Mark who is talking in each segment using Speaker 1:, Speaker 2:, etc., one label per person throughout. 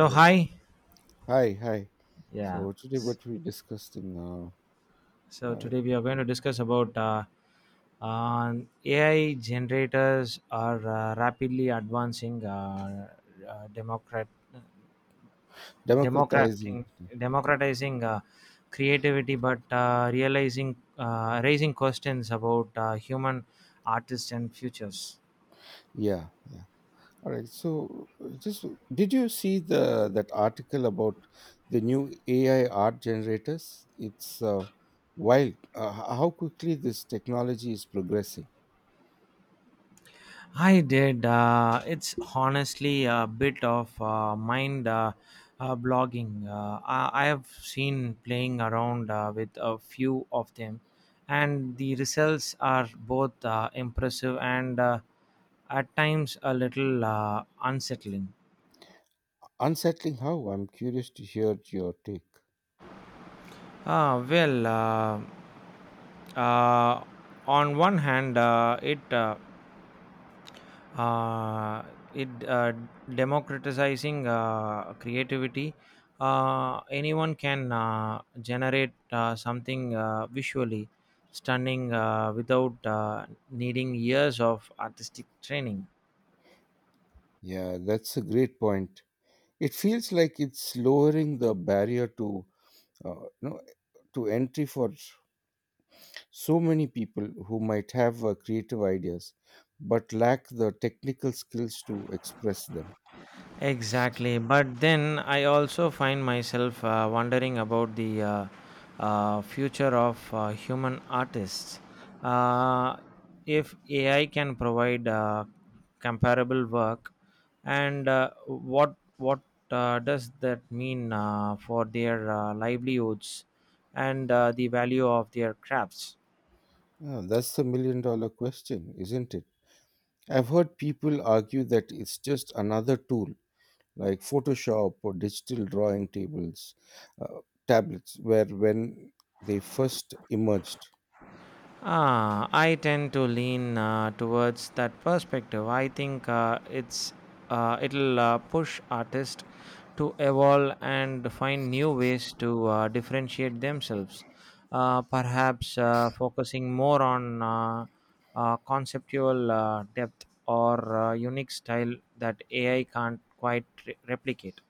Speaker 1: All right.
Speaker 2: hi.
Speaker 1: Hi, hi.
Speaker 2: Yeah.
Speaker 1: So today what we discussing now, uh,
Speaker 2: So
Speaker 1: uh,
Speaker 2: today we are going to discuss about on AI generators are rapidly advancing, uh, democrat,
Speaker 1: democratizing.
Speaker 2: democrating, democratizing creativity, but realizing raising questions about human artists and futures.
Speaker 1: Yeah, yeah. All right. So just did you see the that article about the new AI art generators? It's wild. How quickly this technology is progressing.
Speaker 2: I did. It's honestly a bit of mind blogging. I have seen playing around with a few of them, and the results are both impressive and at times a little unsettling.
Speaker 1: Unsettling how? I'm curious to hear your take.
Speaker 2: Well, uh, on one hand, it uh, it democratizing creativity. Anyone can generate something visually stunning without needing years of artistic training.
Speaker 1: Yeah, that's a great point. It feels like it's lowering the barrier to uh, you know to entry for so many people who might have creative ideas but lack the technical skills to express them.
Speaker 2: Exactly. But then I also find myself wondering about the future of human artists. Uh, if AI can provide comparable work, and what does that mean for their livelihoods and the value of their crafts?
Speaker 1: Ah, that's the million-dollar question, isn't it? I've heard people argue that it's just another tool like Photoshop or digital drawing tables, uh, tablets, where when they first emerged.
Speaker 2: Ah, I tend to lean towards that perspective. I think it'll push artists to evolve and find new ways to differentiate themselves. Perhaps focusing more on conceptual depth or unique style that AI can't quite replicate.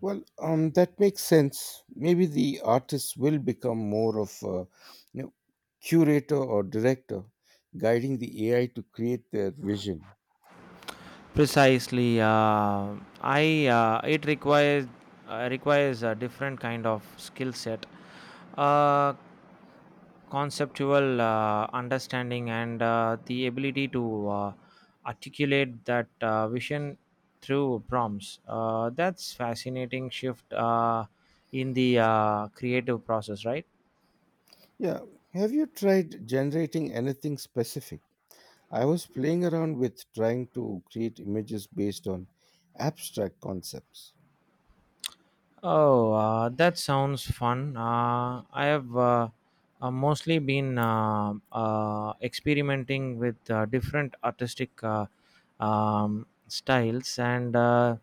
Speaker 1: Well, that makes sense. Maybe the artist will become more of a, you know, curator or director, guiding the AI to create their vision.
Speaker 2: Precisely, I it requires requires a different kind of skill set, uh, conceptual understanding, and the ability to articulate that vision through prompts. That's fascinating shift in the creative process, right?
Speaker 1: Yeah. Have you tried generating anything specific? I was playing around with trying to create images based on abstract concepts.
Speaker 2: Oh, that sounds fun. I have mostly been experimenting with different artistic styles and uh,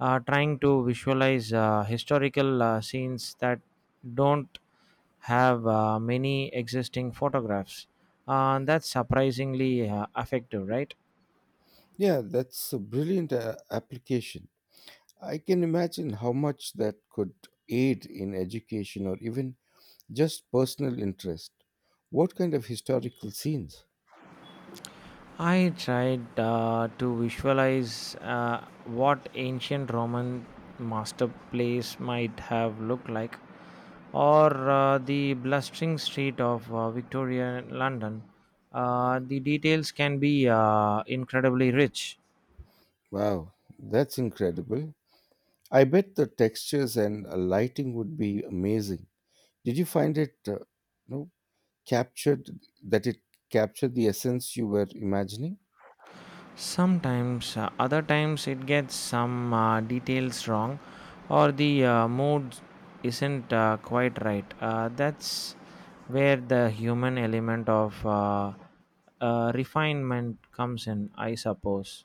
Speaker 2: uh, trying to visualize historical scenes that don't have many existing photographs. That's surprisingly effective, right?
Speaker 1: Yeah, that's a brilliant application. I can imagine how much that could aid in education or even just personal interest. What kind of historical scenes?
Speaker 2: I tried to visualize what ancient Roman master place might have looked like, or the blustering street of Victorian London. The details can be incredibly rich.
Speaker 1: Wow, that's incredible. I bet the textures and lighting would be amazing. Did you find it, you know, captured that it captured the essence you were imagining?
Speaker 2: Sometimes, other times it gets some details wrong, or the mood isn't quite right. That's where the human element of refinement comes in, I suppose.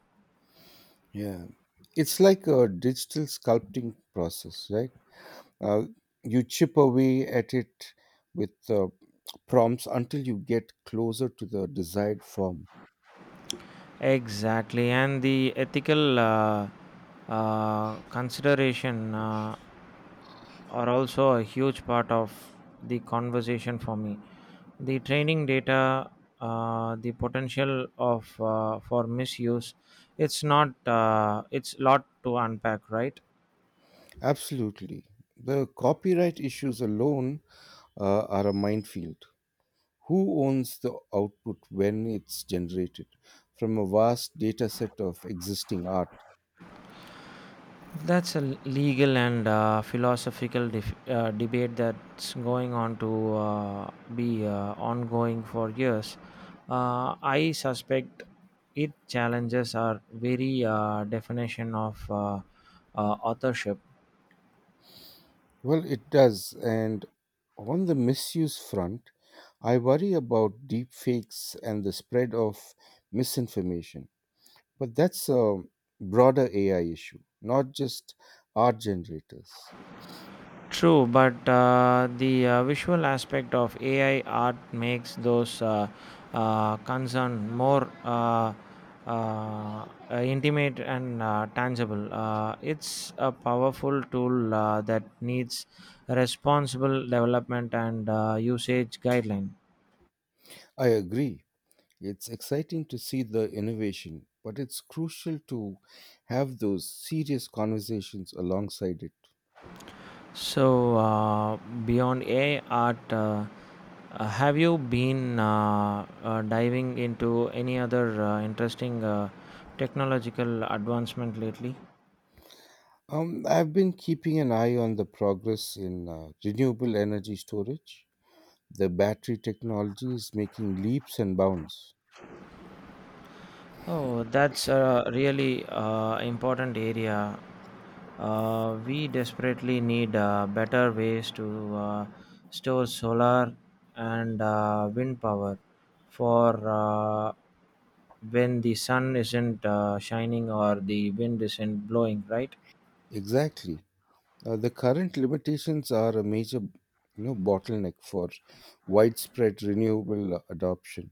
Speaker 1: Yeah. It's like a digital sculpting process, right? Uh, you chip away at it with prompts until you get closer to the desired form.
Speaker 2: Exactly, and the ethical consideration are also a huge part of the conversation for me. The training data, the potential of for misuse, it's not it's lot to unpack, right?
Speaker 1: Absolutely. The copyright issues alone are a minefield. Who owns the output when it's generated from a vast data set of existing art?
Speaker 2: That's a legal and philosophical debate that's going on to be ongoing for years. I suspect it challenges our very definition of authorship.
Speaker 1: Well, it does. And on the misuse front, I worry about deepfakes and the spread of misinformation. But that's a broader AI issue, not just art generators.
Speaker 2: True, but the visual aspect of AI art makes those concern more uh, uh, intimate and tangible. It's a powerful tool that needs responsible development and usage guideline.
Speaker 1: I agree. It's exciting to see the innovation, but it's crucial to have those serious conversations alongside it.
Speaker 2: So, beyond AI art, have you been diving into any other interesting technological advancement lately?
Speaker 1: I've been keeping an eye on the progress in renewable energy storage. The battery technology is making leaps and bounds.
Speaker 2: Oh, that's a really important area. We desperately need better ways to store solar and wind power for when the sun isn't shining or the wind isn't blowing, right?
Speaker 1: Exactly. The current limitations are a major, you know, bottleneck for widespread renewable adoption.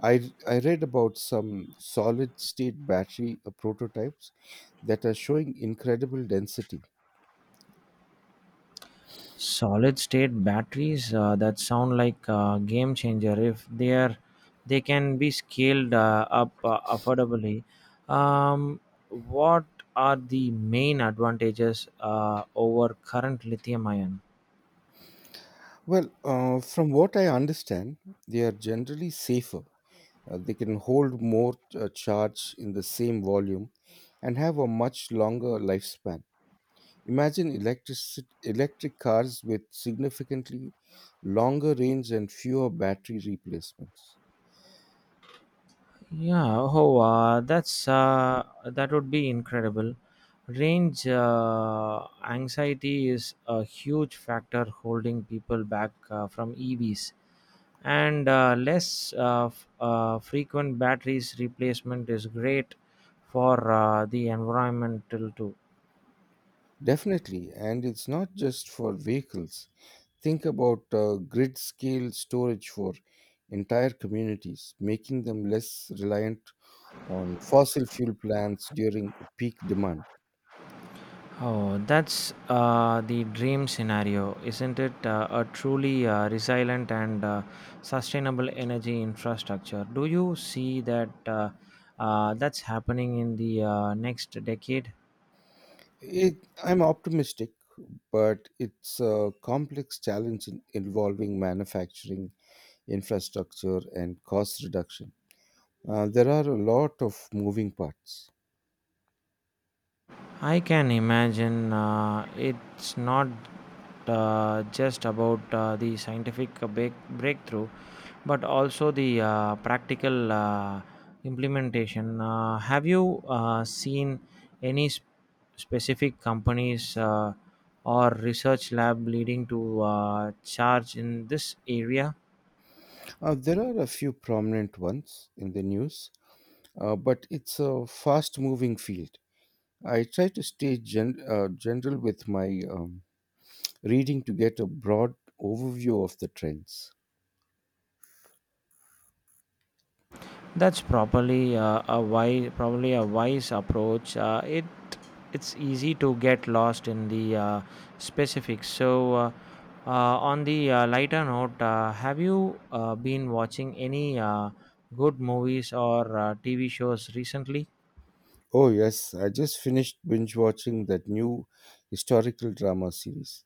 Speaker 1: I read about some solid state battery prototypes that are showing incredible density.
Speaker 2: Solid state batteries, that sound like a game changer if they can be scaled up affordably. um, what are the main advantages over current lithium ion?
Speaker 1: Well, from what I understand, they are generally safer. They can hold more charge in the same volume and have a much longer lifespan. Imagine electric cars with significantly longer range and fewer battery replacements.
Speaker 2: Yeah, oh, that would be incredible. Range anxiety is a huge factor holding people back from EVs, and less frequent batteries replacement is great for the environmental too.
Speaker 1: Definitely, and it's not just for vehicles. Think about grid scale storage for entire communities, making them less reliant on fossil fuel plants during peak demand.
Speaker 2: Oh, that's the dream scenario, isn't it? A truly resilient and sustainable energy infrastructure. Do you see that that's happening in the next decade?
Speaker 1: I'm optimistic, but it's a complex challenge in involving manufacturing, infrastructure, and cost reduction. There are a lot of moving parts.
Speaker 2: I can imagine it's not just about the scientific breakthrough, but also the practical implementation. Have you seen any specific companies or research lab leading to charge in this area?
Speaker 1: There are a few prominent ones in the news, but it's a fast moving field. I try to stay general with my reading to get a broad overview of the trends.
Speaker 2: That's probably probably a wise approach. It's easy to get lost in the specifics. So, uh, on the lighter note, have you been watching any good movies or TV shows recently?
Speaker 1: Oh, yes, I just finished binge watching that new historical drama series.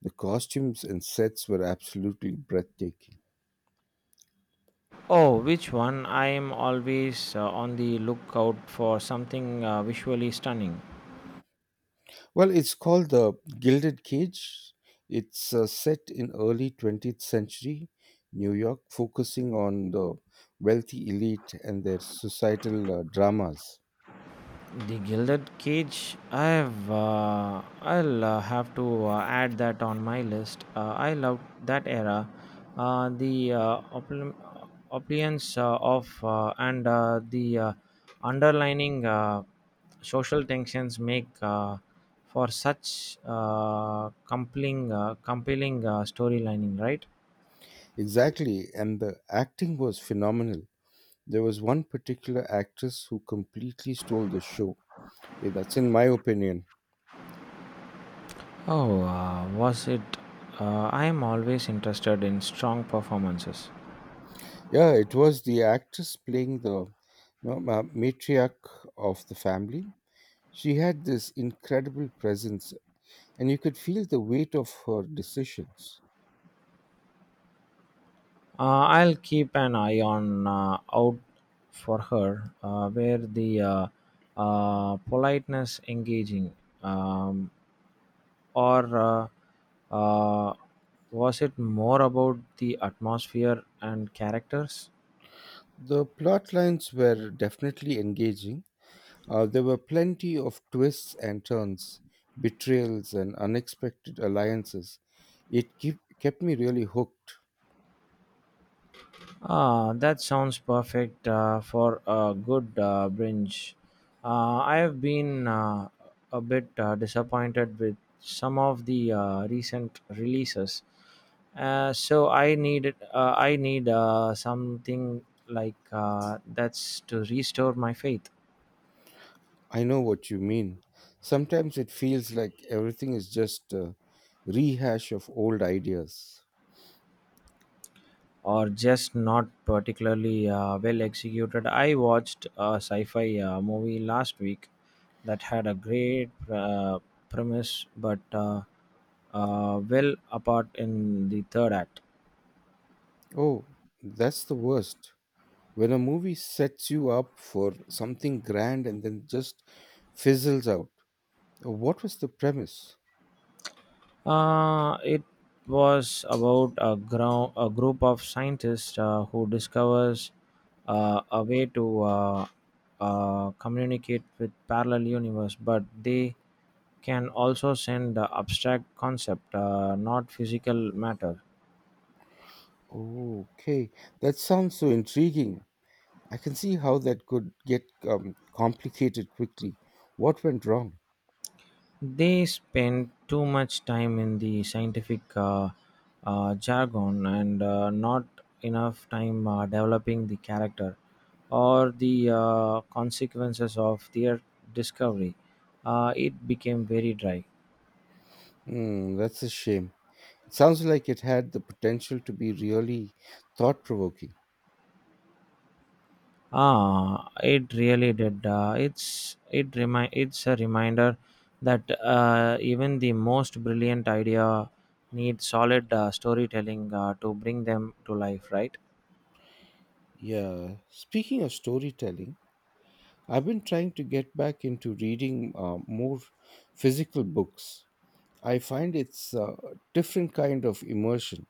Speaker 1: The costumes and sets were absolutely breathtaking.
Speaker 2: Oh, which one? I am always on the lookout for something visually stunning.
Speaker 1: Well, it's called the Gilded Cage. It's set in early 20th century New York, focusing on the wealthy elite and their societal dramas.
Speaker 2: The Gilded Cage. I'll have to add that on my list. I love that era. The opulence, of and the underlining social tensions make for such compelling storylining, right?
Speaker 1: Exactly, and the acting was phenomenal. There was one particular actress who completely stole the show. Yeah, that's in my opinion.
Speaker 2: Oh, was it? I am always interested in strong performances.
Speaker 1: Yeah, it was the actress playing the, you know, matriarch of the family. She had this incredible presence, and you could feel the weight of her decisions.
Speaker 2: I'll keep an eye on out for her where the politeness engaging, um, or uh, was it more about the atmosphere and characters?
Speaker 1: The plot lines were definitely engaging. There were plenty of twists and turns, betrayals, and unexpected alliances. It kept me really hooked.
Speaker 2: Ah, that sounds perfect for a good binge. I have been a bit disappointed with some of the recent releases, so I need something like that's to restore my faith,
Speaker 1: I know what you mean. Sometimes it feels like everything is just a rehash of old ideas.
Speaker 2: or just not particularly well executed. I watched a sci-fi movie last week that had a great premise, but well apart in the third act.
Speaker 1: Oh, that's the worst, when a movie sets you up for something grand and then just fizzles out. What was the premise?
Speaker 2: It was about a group of scientists who discovers a way to communicate with parallel universe, but they can also send abstract concept, not physical matter.
Speaker 1: Okay, that sounds so intriguing. I can see how that could get complicated quickly. What went wrong?
Speaker 2: They spend too much time in the scientific jargon and not enough time developing the character or the consequences of their discovery. It became very dry.
Speaker 1: Hmm, that's a shame. It sounds like it had the potential to be really thought provoking.
Speaker 2: Ah, it really did. It's a reminder that even the most brilliant idea need solid storytelling to bring them to life, right?
Speaker 1: Yeah, speaking of storytelling, I've been trying to get back into reading more physical books. I find it's a different kind of immersion.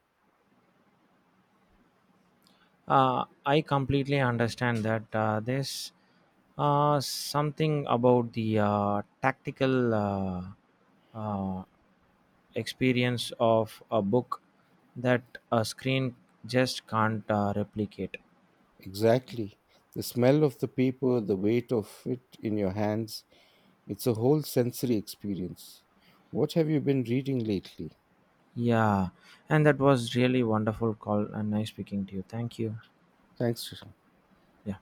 Speaker 2: I completely understand that there's something about the tactical uh, experience of a book that a screen just can't replicate.
Speaker 1: Exactly. The smell of the paper, the weight of it in your hands, it's a whole sensory experience. What have you been reading lately?
Speaker 2: Yeah, and that was really wonderful call and nice speaking to you. Thank you.
Speaker 1: Thanks. Sushant.
Speaker 2: Yeah.